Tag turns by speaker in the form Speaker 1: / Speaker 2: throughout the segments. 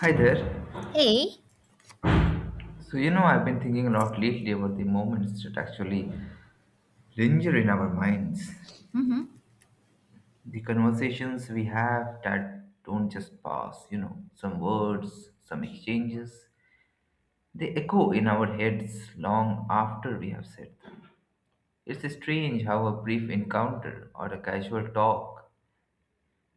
Speaker 1: Hi there.
Speaker 2: Hey.
Speaker 1: So, you know, I've been thinking a lot lately about the moments that actually linger in our minds.
Speaker 2: Mm-hmm.
Speaker 1: The conversations we have that don't just pass, you know, some words, some exchanges, they echo in our heads long after we have said them. It's strange how a brief encounter or a casual talk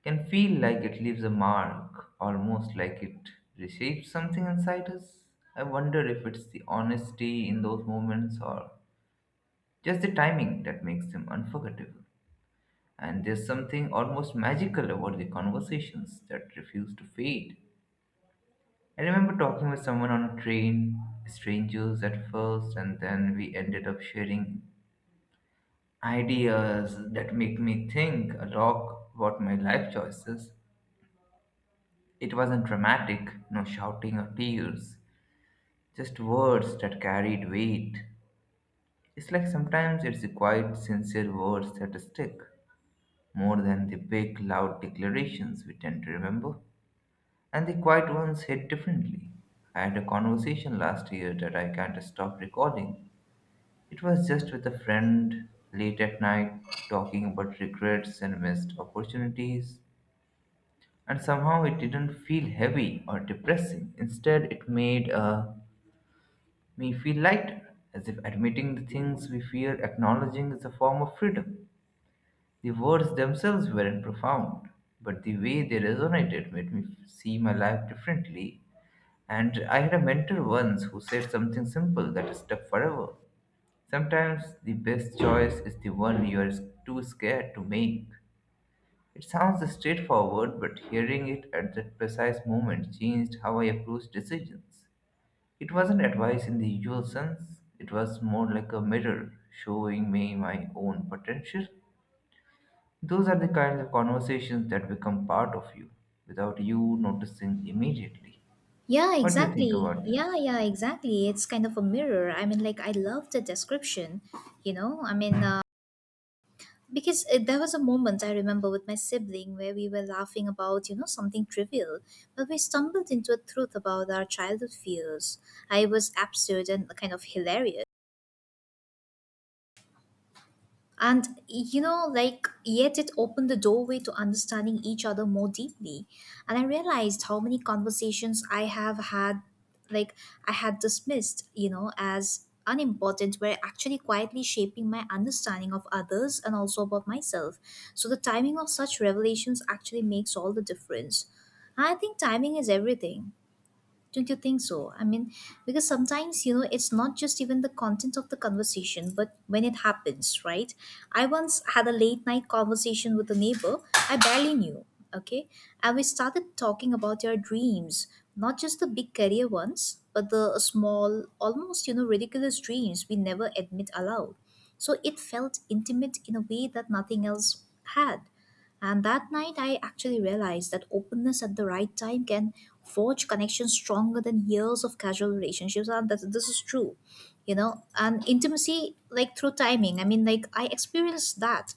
Speaker 1: can feel like it leaves a mark, almost like it reshapes something inside us. I wonder if it's the honesty in those moments or just the timing that makes them unforgettable. And there's something almost magical about the conversations that refuse to fade. I remember talking with someone on a train, strangers at first, and then we ended up sharing ideas that make me think a lot about my life choices. It wasn't dramatic, no shouting or tears, just words that carried weight. It's like sometimes it's the quiet, sincere words that stick, more than the big, loud declarations we tend to remember, and the quiet ones hit differently. I had a conversation last year that I can't stop recalling. It was just with a friend late at night, talking about regrets and missed opportunities, and somehow it didn't feel heavy or depressing. Instead, it made me feel lighter, as if admitting the things we fear acknowledging is a form of freedom. The words themselves weren't profound, but the way they resonated made me see my life differently. And I had a mentor once who said something simple that stuck forever. Sometimes the best choice is the one you are too scared to make. It sounds straightforward, but hearing it at that precise moment changed how I approached decisions. It wasn't advice in the usual sense, it was more like a mirror showing me my own potential. Those are the kinds of conversations that become part of you without you noticing immediately.
Speaker 2: Yeah,
Speaker 1: What do you think
Speaker 2: exactly.
Speaker 1: about
Speaker 2: Yeah,
Speaker 1: this?
Speaker 2: yeah, exactly. It's kind of a mirror. I love the description, you know? I mean, uh, because there was a moment I remember with my sibling where we were laughing about, something trivial, but we stumbled into a truth about our childhood fears. I was absurd and kind of hilarious. And yet it opened the doorway to understanding each other more deeply. And I realized how many conversations I have had, like, I had dismissed, as unimportant, were actually quietly shaping my understanding of others and also about myself. So the timing of such revelations actually makes all the difference. And I think timing is everything. Don't you think so? Because sometimes, it's not just even the content of the conversation, but when it happens, right? I once had a late night conversation with a neighbor I barely knew, okay? And we started talking about our dreams, not just the big career ones, but the small, almost, ridiculous dreams we never admit aloud. So it felt intimate in a way that nothing else had. And that night, I actually realized that openness at the right time can forge connections stronger than years of casual relationships. And that this is true, you know. And intimacy, like through timing. I experienced that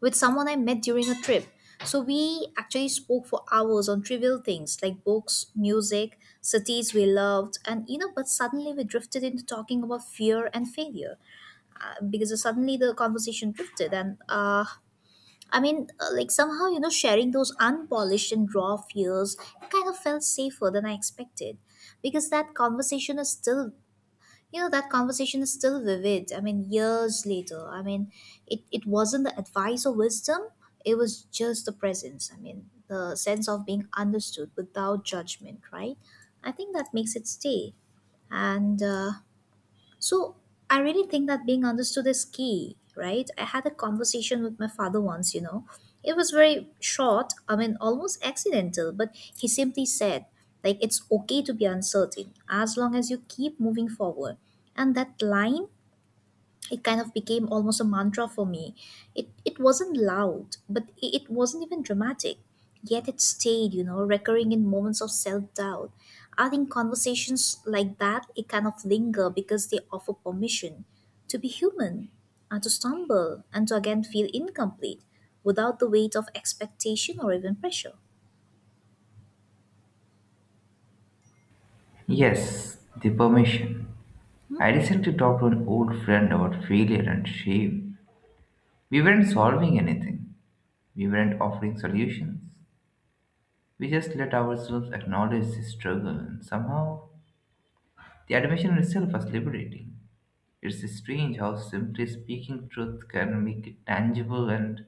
Speaker 2: with someone I met during a trip. So we actually spoke for hours on trivial things like books, music, cities we loved, and you know. But suddenly we drifted into talking about fear and failure because suddenly the conversation drifted, and somehow, sharing those unpolished and raw fears kind of felt safer than I expected because that conversation is still vivid. I mean, years later, I mean, it wasn't the advice or wisdom, it was just the presence. I mean, the sense of being understood without judgment, right? I think that makes it stay. And so I really think that being understood is key, right? I had a conversation with my father once, you know. It was very short, I mean, almost accidental, but he simply said, like, it's okay to be uncertain as long as you keep moving forward. And that line it kind of became almost a mantra for me. It wasn't loud, but it wasn't even dramatic. Yet it stayed, you know, recurring in moments of self doubt. I think conversations like that it kind of linger because they offer permission to be human and to stumble and to again feel incomplete without the weight of expectation or even pressure.
Speaker 1: Yes, the permission. I recently talked to an old friend about failure and shame. We weren't solving anything, we weren't offering solutions. We just let ourselves acknowledge the struggle, and somehow the admission itself was liberating. It's strange how simply speaking truth can make it tangible and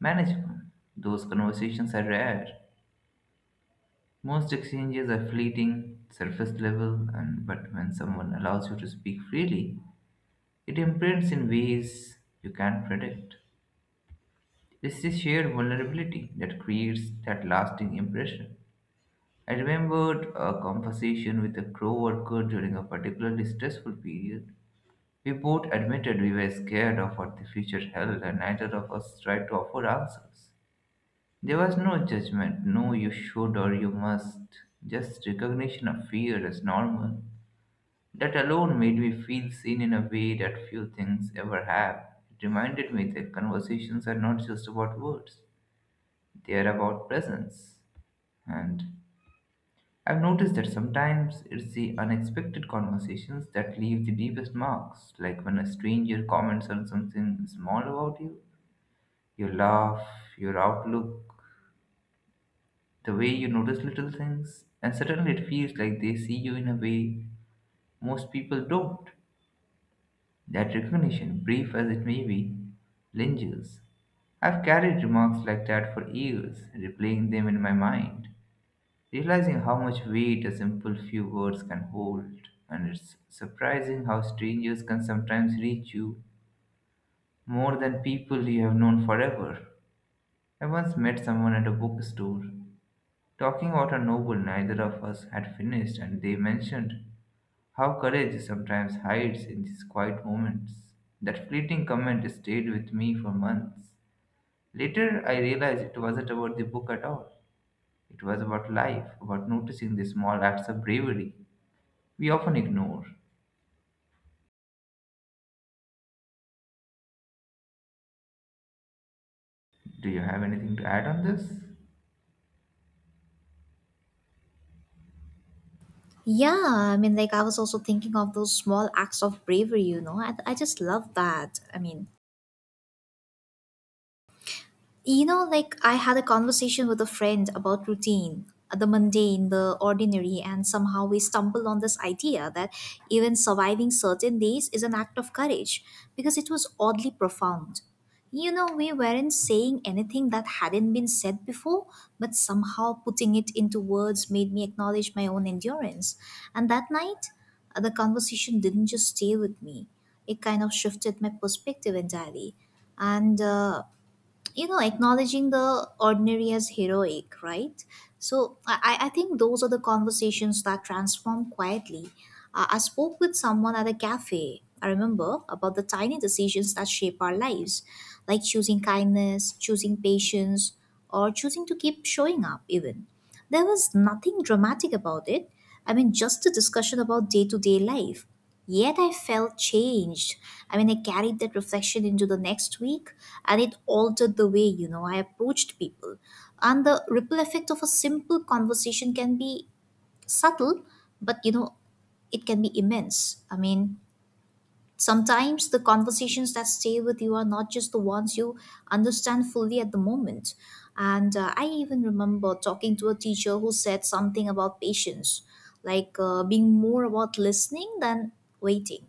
Speaker 1: manageable. Those conversations are rare. Most exchanges are fleeting, surface level, and but when someone allows you to speak freely, it imprints in ways you can't predict. It's this shared vulnerability that creates that lasting impression. I remembered a conversation with a co-worker during a particularly stressful period. We both admitted we were scared of what the future held, and neither of us tried to offer answers. There was no judgment, no "you should" or "you must," just recognition of fear as normal. That alone made me feel seen in a way that few things ever have. It reminded me that conversations are not just about words, they are about presence. And I've noticed that sometimes it's the unexpected conversations that leave the deepest marks, like when a stranger comments on something small about you, your laugh, your outlook, the way you notice little things, and suddenly it feels like they see you in a way most people don't. That recognition, brief as it may be, lingers. I've carried remarks like that for years, replaying them in my mind, realizing how much weight a simple few words can hold. And it's surprising how strangers can sometimes reach you more than people you have known forever. I once met someone at a bookstore talking about a novel neither of us had finished, and they mentioned how courage sometimes hides in these quiet moments. That fleeting comment stayed with me for months. Later, I realized it wasn't about the book at all. It was about life, about noticing the small acts of bravery we often ignore. Do you have anything to add on this?
Speaker 2: Yeah, I was also thinking of those small acts of bravery, you know. I just love that. You know, like I had a conversation with a friend about routine, the mundane, the ordinary, and somehow we stumbled on this idea that even surviving certain days is an act of courage because it was oddly profound. You know, we weren't saying anything that hadn't been said before, but somehow putting it into words made me acknowledge my own endurance. And that night, the conversation didn't just stay with me, it kind of shifted my perspective entirely. And you know acknowledging the ordinary as heroic, right? I think those are the conversations that transform quietly. I spoke with someone at a cafe I remember about the tiny decisions that shape our lives, like choosing kindness, choosing patience, or choosing to keep showing up even there was nothing dramatic about it. I mean, just a discussion about day to day life. Yet I felt changed. I mean, I carried that reflection into the next week and it altered the way, you know, I approached people. And the ripple effect of a simple conversation can be subtle, but, you know, it can be immense. I mean, sometimes the conversations that stay with you are not just the ones you understand fully at the moment. And I even remember talking to a teacher who said something about patience, like being more about listening than waiting.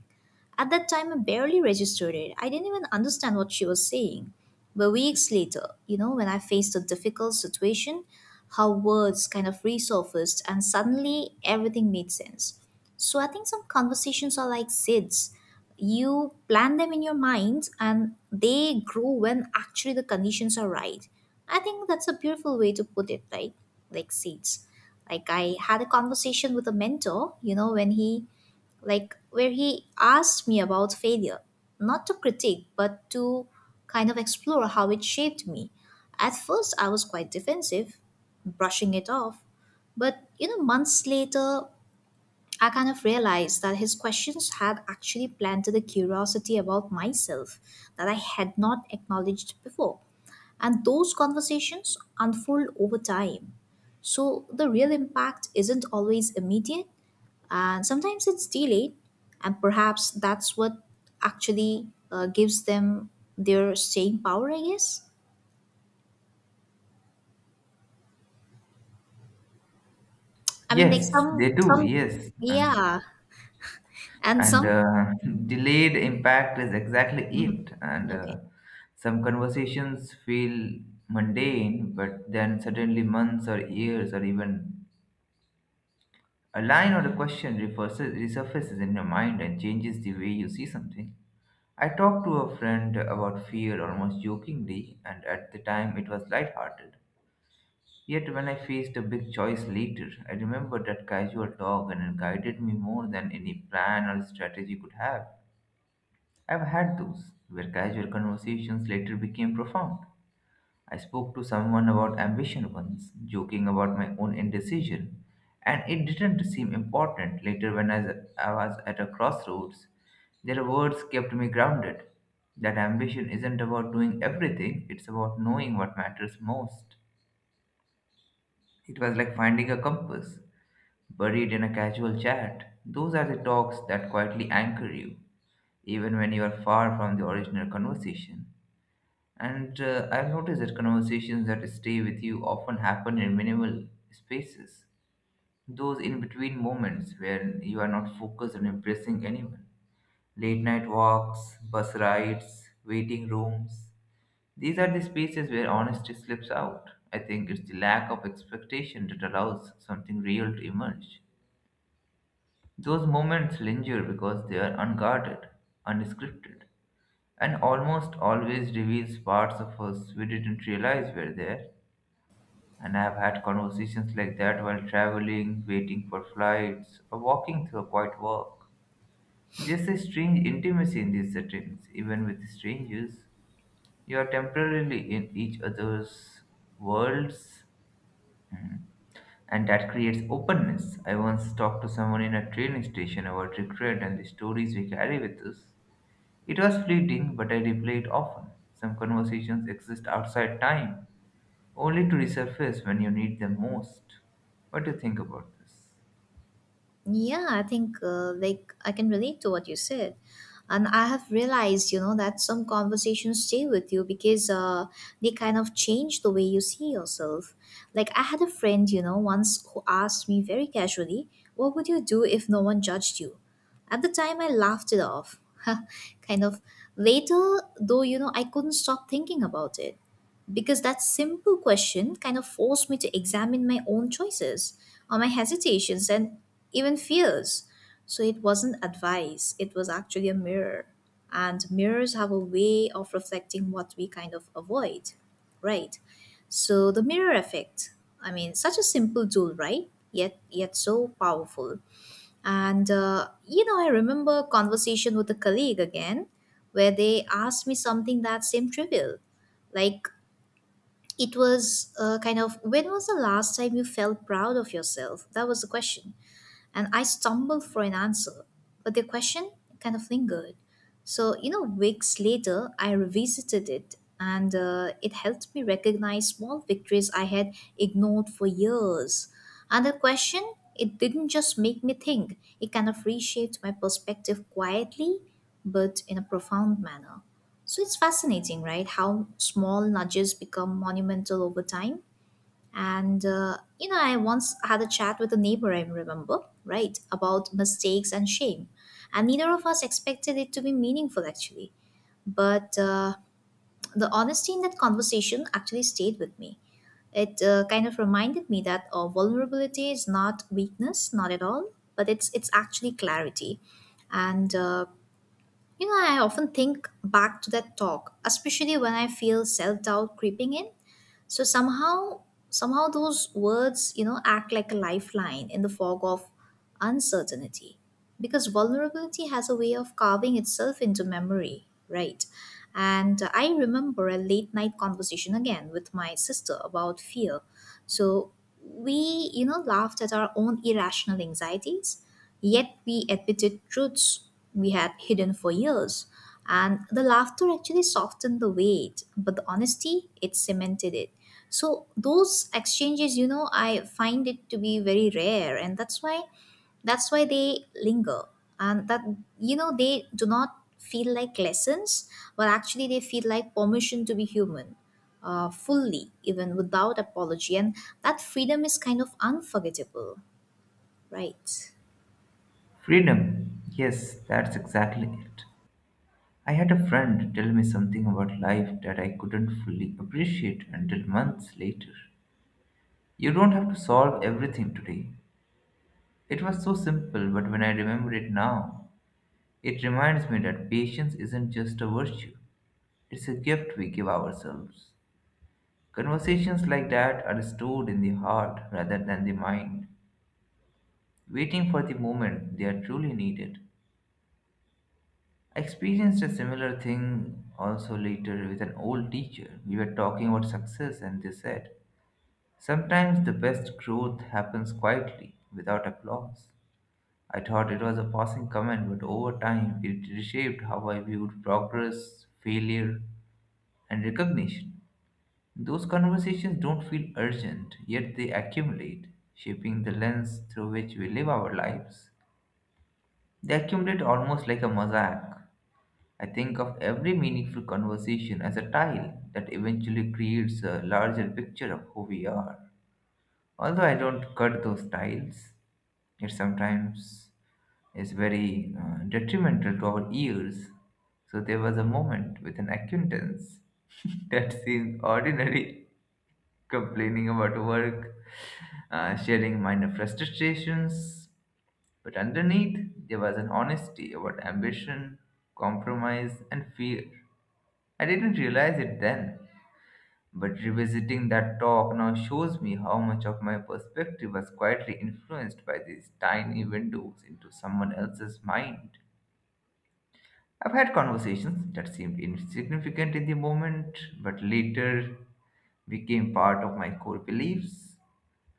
Speaker 2: At that time, I barely registered it. I didn't even understand what she was saying. But weeks later, you know, when I faced a difficult situation, her words kind of resurfaced and suddenly everything made sense. So I think some conversations are like seeds. You plant them in your mind and they grow when actually the conditions are right. I think that's a beautiful way to put it, right? Like seeds. Like I had a conversation with a mentor, you know, when he like where he asked me about failure, not to critique, but to kind of explore how it shaped me. At first, I was quite defensive, brushing it off. But, you know, months later, I kind of realized that his questions had actually planted a curiosity about myself that I had not acknowledged before. And those conversations unfold over time. So the real impact isn't always immediate, and sometimes it's delayed. And perhaps that's what actually gives them their staying power, I guess. I mean, like
Speaker 1: Yes, they
Speaker 2: some,
Speaker 1: do,
Speaker 2: some,
Speaker 1: yes.
Speaker 2: yeah, and
Speaker 1: And
Speaker 2: some,
Speaker 1: uh, delayed impact is exactly it. And
Speaker 2: okay.
Speaker 1: uh, some conversations feel mundane, but then suddenly months or years or even a line or a question resurfaces in your mind and changes the way you see something. I talked to a friend about fear almost jokingly, and at the time it was lighthearted. Yet when I faced a big choice later, I remembered that casual talk and it guided me more than any plan or strategy could have. I've had those, where casual conversations later became profound. I spoke to someone about ambition once, joking about my own indecision, and it didn't seem important later when I was at a crossroads. Their words kept me grounded. That ambition isn't about doing everything, it's about knowing what matters most. It was like finding a compass, buried in a casual chat. Those are the talks that quietly anchor you, even when you are far from the original conversation. And I've noticed that conversations that stay with you often happen in minimal spaces, those in between moments where you are not focused on impressing anyone. Late night walks, bus rides, waiting rooms. These are the spaces where honesty slips out. I think it's the lack of expectation that allows something real to emerge. Those moments linger because they are unguarded, unscripted, and almost always reveals parts of us we didn't realize were there. And I have had conversations like that while traveling, waiting for flights, or walking through a quiet walk. There's a strange intimacy in these settings, even with strangers. You are temporarily in each other's worlds, mm, and that creates openness. I once talked to someone in a train station about regret and the stories we carry with us. It was fleeting, but I replay it often. Some conversations exist outside time, only to resurface when you need them most. What do you think about this?
Speaker 2: Yeah, I think I can relate to what you said. And I have realized, you know, that some conversations stay with you because they kind of change the way you see yourself. Like I had a friend, you know, once who asked me very casually, "What would you do if no one judged you?" At the time, I laughed it off, kind of. Later, though, you know, I couldn't stop thinking about it because that simple question kind of forced me to examine my own choices or my hesitations and even fears. So it wasn't advice, it was actually a mirror. And mirrors have a way of reflecting what we kind of avoid, right? So the mirror effect, I mean, such a simple tool, right? Yet so powerful. And you know, I remember a conversation with a colleague again, where they asked me something that seemed trivial, like it was kind of when was the last time you felt proud of yourself? That was the question and I stumbled for an answer, but the question kind of lingered. So, you know, weeks later, I revisited it and it helped me recognize small victories I had ignored for years. And the question, it didn't just make me think, it kind of reshaped my perspective quietly but in a profound manner. So it's fascinating, right? How small nudges become monumental over time. And you know, I once had a chat with a neighbor, I remember, right, about mistakes and shame. And neither of us expected it to be meaningful, actually. But the honesty in that conversation actually stayed with me. It kind of reminded me that vulnerability is not weakness, not at all, but it's actually clarity. And you know, I often think back to that talk, especially when I feel self doubt creeping in, so somehow those words you know act like a lifeline in the fog of uncertainty, because vulnerability has a way of carving itself into memory, right? And I remember a late night conversation again with my sister about fear. So we, you know, laughed at our own irrational anxieties, yet we admitted truths we had hidden for years, and the laughter actually softened the weight, but the honesty, it cemented it. So those exchanges, you know, I find it to be very rare, and that's why they linger. And that, you know, they do not feel like lessons, but actually they feel like permission to be human. Fully, even without apology, and that freedom is kind of unforgettable, right?
Speaker 1: Freedom. Yes, that's exactly it. I had a friend tell me something about life that I couldn't fully appreciate until months later. You don't have to solve everything today. It was so simple, but when I remember it now, it reminds me that patience isn't just a virtue, it's a gift we give ourselves. Conversations like that are stored in the heart rather than the mind, waiting for the moment they are truly needed. I experienced a similar thing also later with an old teacher. We were talking about success, and they said, "Sometimes the best growth happens quietly, without applause." I thought it was a passing comment, but over time it reshaped how I viewed progress, failure, and recognition. Those conversations don't feel urgent, yet they accumulate, shaping the lens through which we live our lives. They accumulate almost like a mosaic. I think of every meaningful conversation as a tile that eventually creates a larger picture of who we are. Although I don't cut those tiles, it sometimes is very detrimental to our ears. So there was a moment with an acquaintance that seemed ordinary, complaining about work, sharing minor frustrations. But underneath, there was an honesty about ambition, compromise, and fear. I didn't realize it then, but revisiting that talk now shows me how much of my perspective was quietly influenced by these tiny windows into someone else's mind. I've had conversations that seemed insignificant in the moment, but later became part of my core beliefs.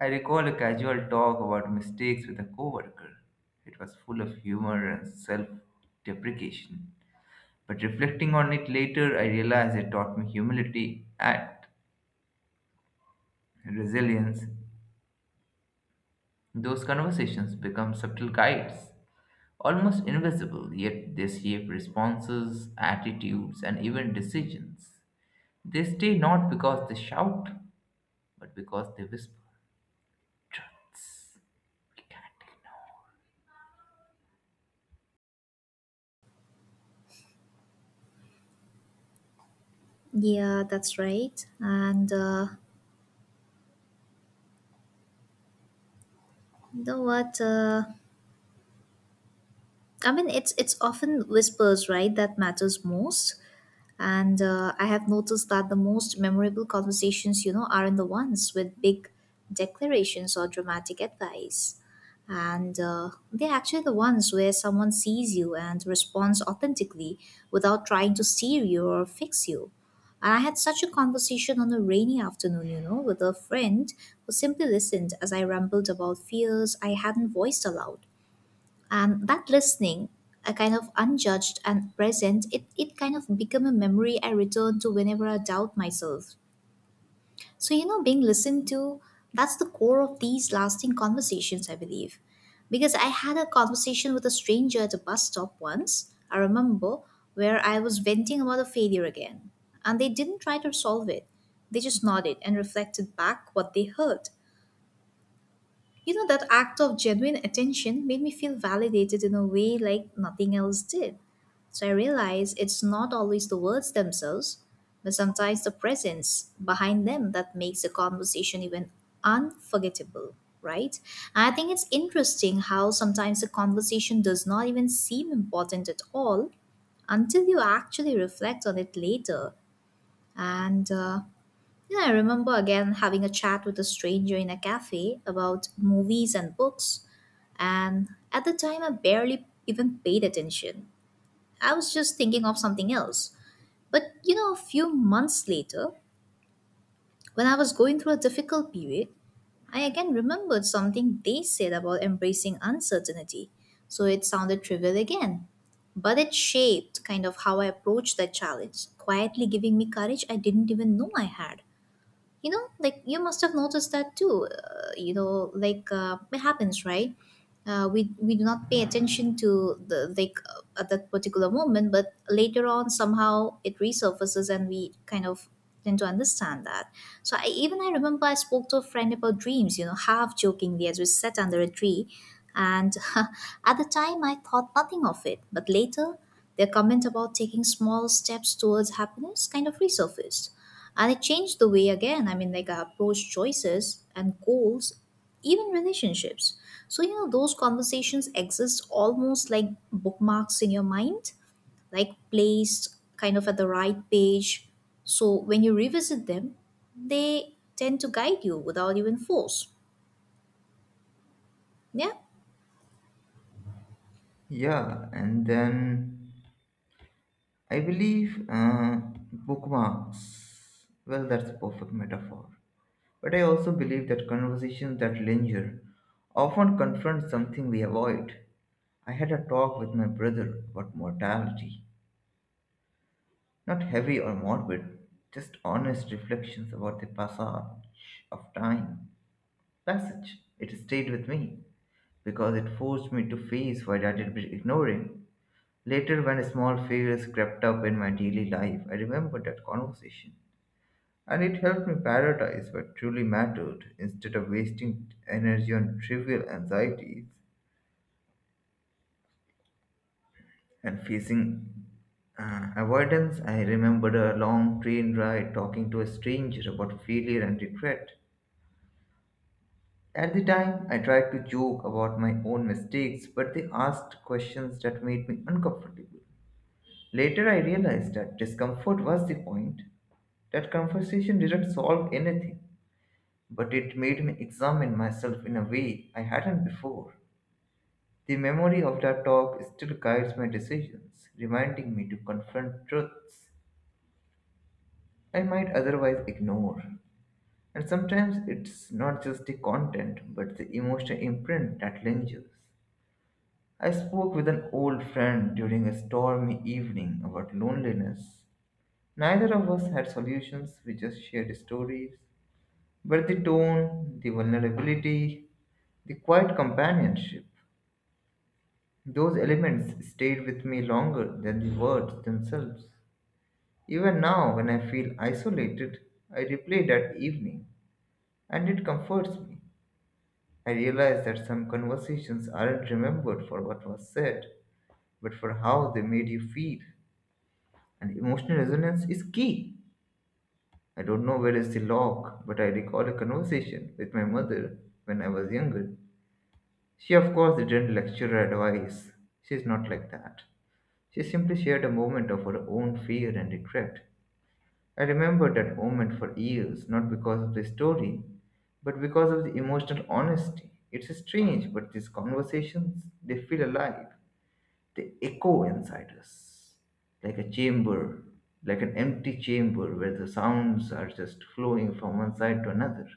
Speaker 1: I recall a casual talk about mistakes with a coworker. It was full of humor and self deprecation. But reflecting on it later, I realized it taught me humility and resilience. Those conversations become subtle guides, almost invisible, yet they shape responses, attitudes, and even decisions. They stay not because they shout, but because they whisper truths.
Speaker 2: Yeah, that's right. And you know what? It's often whispers, right, that matters most. And I have noticed that the most memorable conversations, you know, aren't the ones with big declarations or dramatic advice. And they're actually the ones where someone sees you and responds authentically without trying to steer you or fix you. And I had such a conversation on a rainy afternoon, you know, with a friend who simply listened as I rambled about fears I hadn't voiced aloud, and that listening, a kind of unjudged and present it kind of become a memory I return to whenever I doubt myself. So, you know, being listened to, that's the core of these lasting conversations, I believe. Because I had a conversation with a stranger at a bus stop once, I remember, where I was venting about a failure again, and they didn't try to solve it. They just nodded and reflected back what they heard. You know, that act of genuine attention made me feel validated in a way like nothing else did. So I realized it's not always the words themselves, but sometimes the presence behind them that makes the conversation even unforgettable, right? And I think it's interesting how sometimes the conversation does not even seem important at all until you actually reflect on it later. And yeah, I remember again having a chat with a stranger in a cafe about movies and books, and at the time I barely even paid attention. I was just thinking of something else. But you know, a few months later, when I was going through a difficult period, I again remembered something they said about embracing uncertainty. So it sounded trivial again. But it shaped kind of how I approached that challenge, quietly giving me courage I didn't even know I had. You know, like, you must have noticed that too. You know, like, it happens, right? We do not pay attention to the, like, at that particular moment, but later on somehow it resurfaces and we kind of tend to understand that. So I, even, I remember I spoke to a friend about dreams, you know, half jokingly as we sat under a tree, and at the time I thought nothing of it, but later their comment about taking small steps towards happiness kind of resurfaced, and it changed the way again, I mean, like, I approach choices and goals, even relationships. So, you know, those conversations exist almost like bookmarks in your mind, like placed kind of at the right page. So when you revisit them, they tend to guide you without even force. Yeah.
Speaker 1: Yeah, and then I believe bookmarks, well, that's a perfect metaphor. But I also believe that conversations that linger often confront something we avoid. I had a talk with my brother about mortality, not heavy or morbid, just honest reflections about the passage of time. Passage. It stayed with me because it forced me to face what I had been ignoring. Later, when small failures crept up in my daily life, I remembered that conversation. And it helped me prioritize what truly mattered instead of wasting energy on trivial anxieties and facing avoidance. I remembered a long train ride talking to a stranger about failure and regret. At the time, I tried to joke about my own mistakes, but they asked questions that made me uncomfortable. Later, I realized that discomfort was the point. That conversation didn't solve anything, but it made me examine myself in a way I hadn't before. The memory of that talk still guides my decisions, reminding me to confront truths I might otherwise ignore. And sometimes it's not just the content, but the emotional imprint that lingers. I spoke with an old friend during a stormy evening about loneliness. Neither of us had solutions, we just shared stories. But the tone, the vulnerability, the quiet companionship, those elements stayed with me longer than the words themselves. Even now, when I feel isolated, I replay that evening, and it comforts me. I realize that some conversations aren't remembered for what was said, but for how they made you feel. And emotional resonance is key. I don't know where is the lock, but I recall a conversation with my mother when I was younger. She, of course, didn't lecture or advise. She's not like that. She simply shared a moment of her own fear and regret. I remember that moment for years, not because of the story, but because of the emotional honesty. It's strange, but these conversations, they feel alive. They echo inside us, like a chamber, like an empty chamber where the sounds are just flowing from one side to another,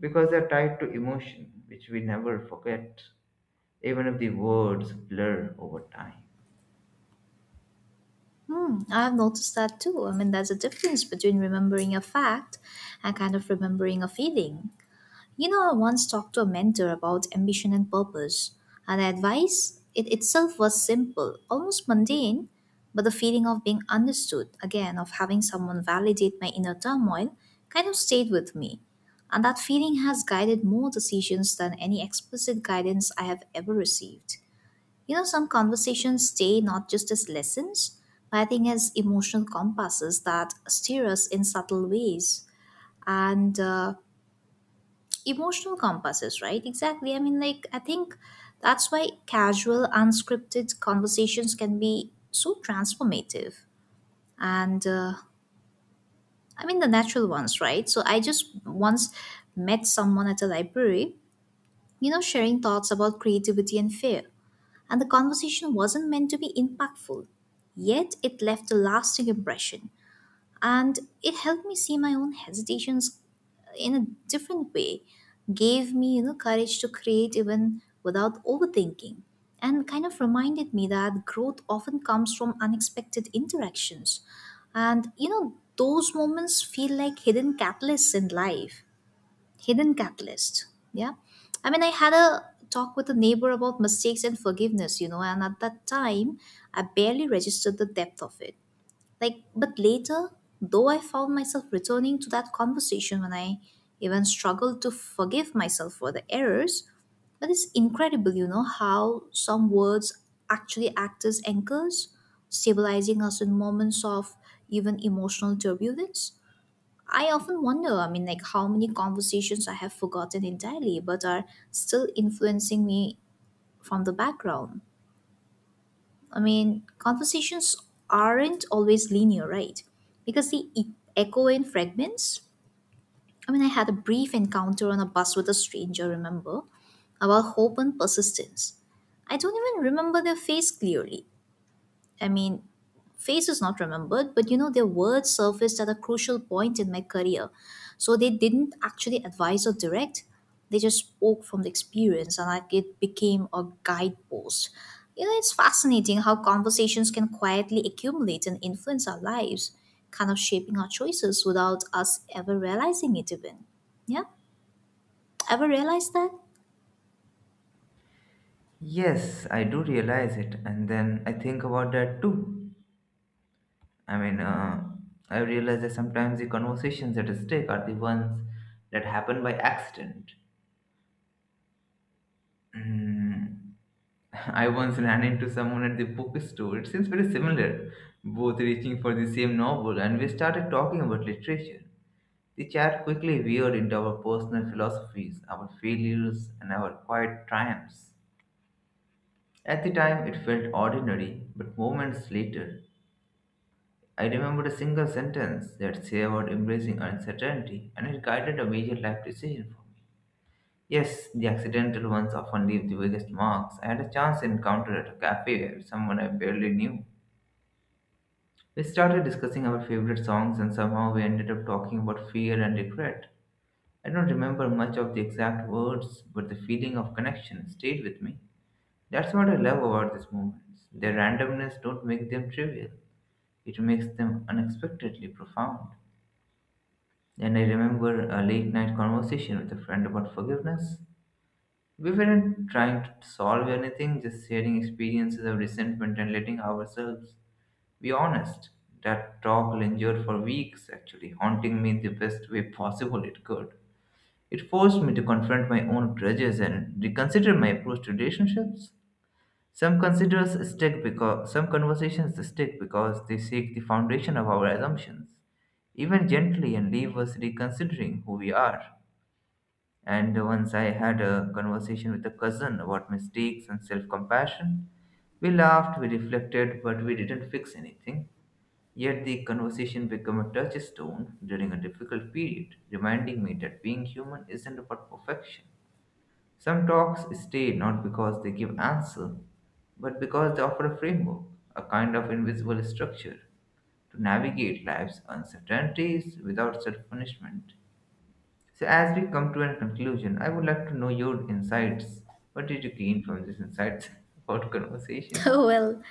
Speaker 1: because they're tied to emotion, which we never forget, even if the words blur over time.
Speaker 2: Hmm, I've noticed that too. I mean, there's a difference between remembering a fact and kind of remembering a feeling. You know, I once talked to a mentor about ambition and purpose, and the advice it itself was simple, almost mundane, but the feeling of being understood, again, of having someone validate my inner turmoil, kind of stayed with me. And that feeling has guided more decisions than any explicit guidance I have ever received. You know, some conversations stay not just as lessons, but I think as emotional compasses that steer us in subtle ways. And Emotional compasses, right? Exactly. I mean, like, I think that's why casual, unscripted conversations can be so transformative. And I mean, the natural ones, right? So I just once met someone at a library, you know, sharing thoughts about creativity and fear. And the conversation wasn't meant to be impactful, yet it left a lasting impression, and it helped me see my own hesitations in a different way, gave me, you know, courage to create even without overthinking, and kind of reminded me that growth often comes from unexpected interactions. And you know, those moments feel like hidden catalysts in life. Hidden catalysts, yeah. I mean, I had a talk with a neighbor about mistakes and forgiveness, you know, and at that time I barely registered the depth of it. Like, but later, though, I found myself returning to that conversation when I even struggled to forgive myself for the errors. But it's incredible, you know, how some words actually act as anchors, stabilizing us in moments of even emotional turbulence. I often wonder, I mean, like, how many conversations I have forgotten entirely but are still influencing me from the background. I mean, conversations aren't always linear, right? Because they echo in fragments. I mean, I had a brief encounter on a bus with a stranger, remember, about hope and persistence. I don't even remember their face clearly, I mean, face is not remembered, but you know, their words surfaced at a crucial point in my career. So they didn't actually advise or direct, they just spoke from the experience, and like, it became a guidepost. You know, it's fascinating how conversations can quietly accumulate and influence our lives, kind of shaping our choices without us ever realizing it even. Yeah? Ever realized that?
Speaker 1: Yes, I do realize it, and then I think about that too. I mean, I realize that sometimes the conversations at stake are the ones that happen by accident. Mm, I once ran into someone at the bookstore. It seems very similar, both reaching for the same novel, and we started talking about literature. The chat quickly veered into our personal philosophies, our failures, and our quiet triumphs. At the time, it felt ordinary, but moments later, I remembered a single sentence that savored embracing uncertainty, and it guided a major life decision for me. Yes, the accidental ones often leave the biggest marks. I had a chance encounter at a cafe with someone I barely knew. We started discussing our favorite songs, and somehow we ended up talking about fear and regret. I don't remember much of the exact words, but the feeling of connection stayed with me. That's what I love about these moments. Their randomness don't make them trivial. It makes them unexpectedly profound. And I remember a late night conversation with a friend about forgiveness. We weren't trying to solve anything, just sharing experiences of resentment and letting ourselves be honest. That talk will endure for weeks, actually, haunting me in the best way possible it could. It forced me to confront my own grudges and reconsider my approach to relationships. Some conversations stick because they shake the foundation of our assumptions, even gently, and leave us reconsidering who we are. And once I had a conversation with a cousin about mistakes and self compassion. We laughed, we reflected, but we didn't fix anything. Yet the conversation became a touchstone during a difficult period, reminding me that being human isn't about perfection. Some talks stay not because they give answer, but because they offer a framework, a kind of invisible structure to navigate life's uncertainties without self punishment. So, as we come to a conclusion, I would like to know your insights. What did you gain from these insights about conversation?
Speaker 2: Oh, well,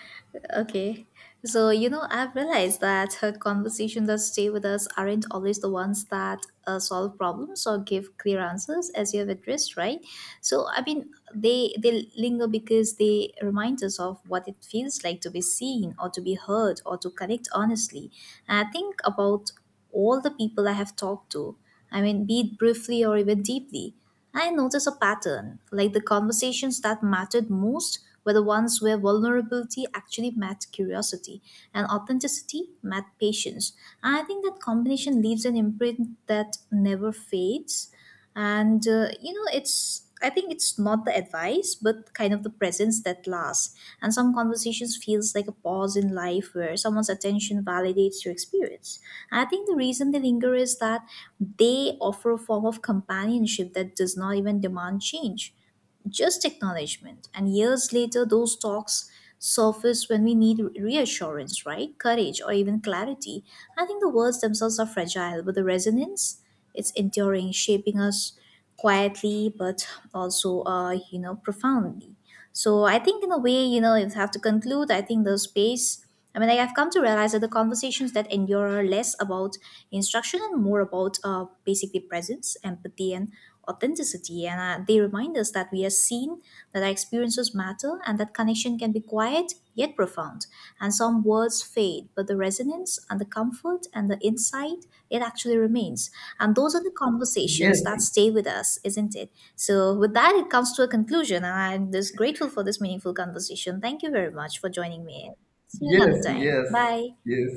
Speaker 2: okay. So, you know, I've realized that her conversations that stay with us aren't always the ones that solve problems or give clear answers, as you have addressed, right? So, I mean, they linger because they remind us of what it feels like to be seen or to be heard or to connect honestly. And I think about all the people I have talked to. I mean, be it briefly or even deeply. I noticed a pattern, like, the conversations that mattered most were the ones where vulnerability actually met curiosity and authenticity met patience. And I think that combination leaves an imprint that never fades. And, you know, it's, I think it's not the advice, but kind of the presence that lasts. And some conversations feels like a pause in life where someone's attention validates your experience. I think the reason they linger is that they offer a form of companionship that does not even demand change, just acknowledgement. And years later, those talks surface when we need reassurance, right? Courage, or even clarity. I think the words themselves are fragile, but the resonance, it's enduring, shaping us quietly, but also, you know, profoundly. So I think, in a way, you know, if I have to conclude, I think the space, I mean, like, I've come to realize that the conversations that endure are less about instruction and more about basically presence, empathy, and authenticity. And They remind us that we are seen, that our experiences matter, and that connection can be quiet yet profound. And some words fade, but the resonance and the comfort and the insight, it actually remains. And those are the
Speaker 1: Yes,
Speaker 2: conversations that stay with us, isn't it? So, with that, it comes to a conclusion. And I'm just grateful for this meaningful conversation. Thank you very much for joining me in. See you another
Speaker 1: yes,
Speaker 2: time.
Speaker 1: yes,
Speaker 2: Bye.
Speaker 1: yes.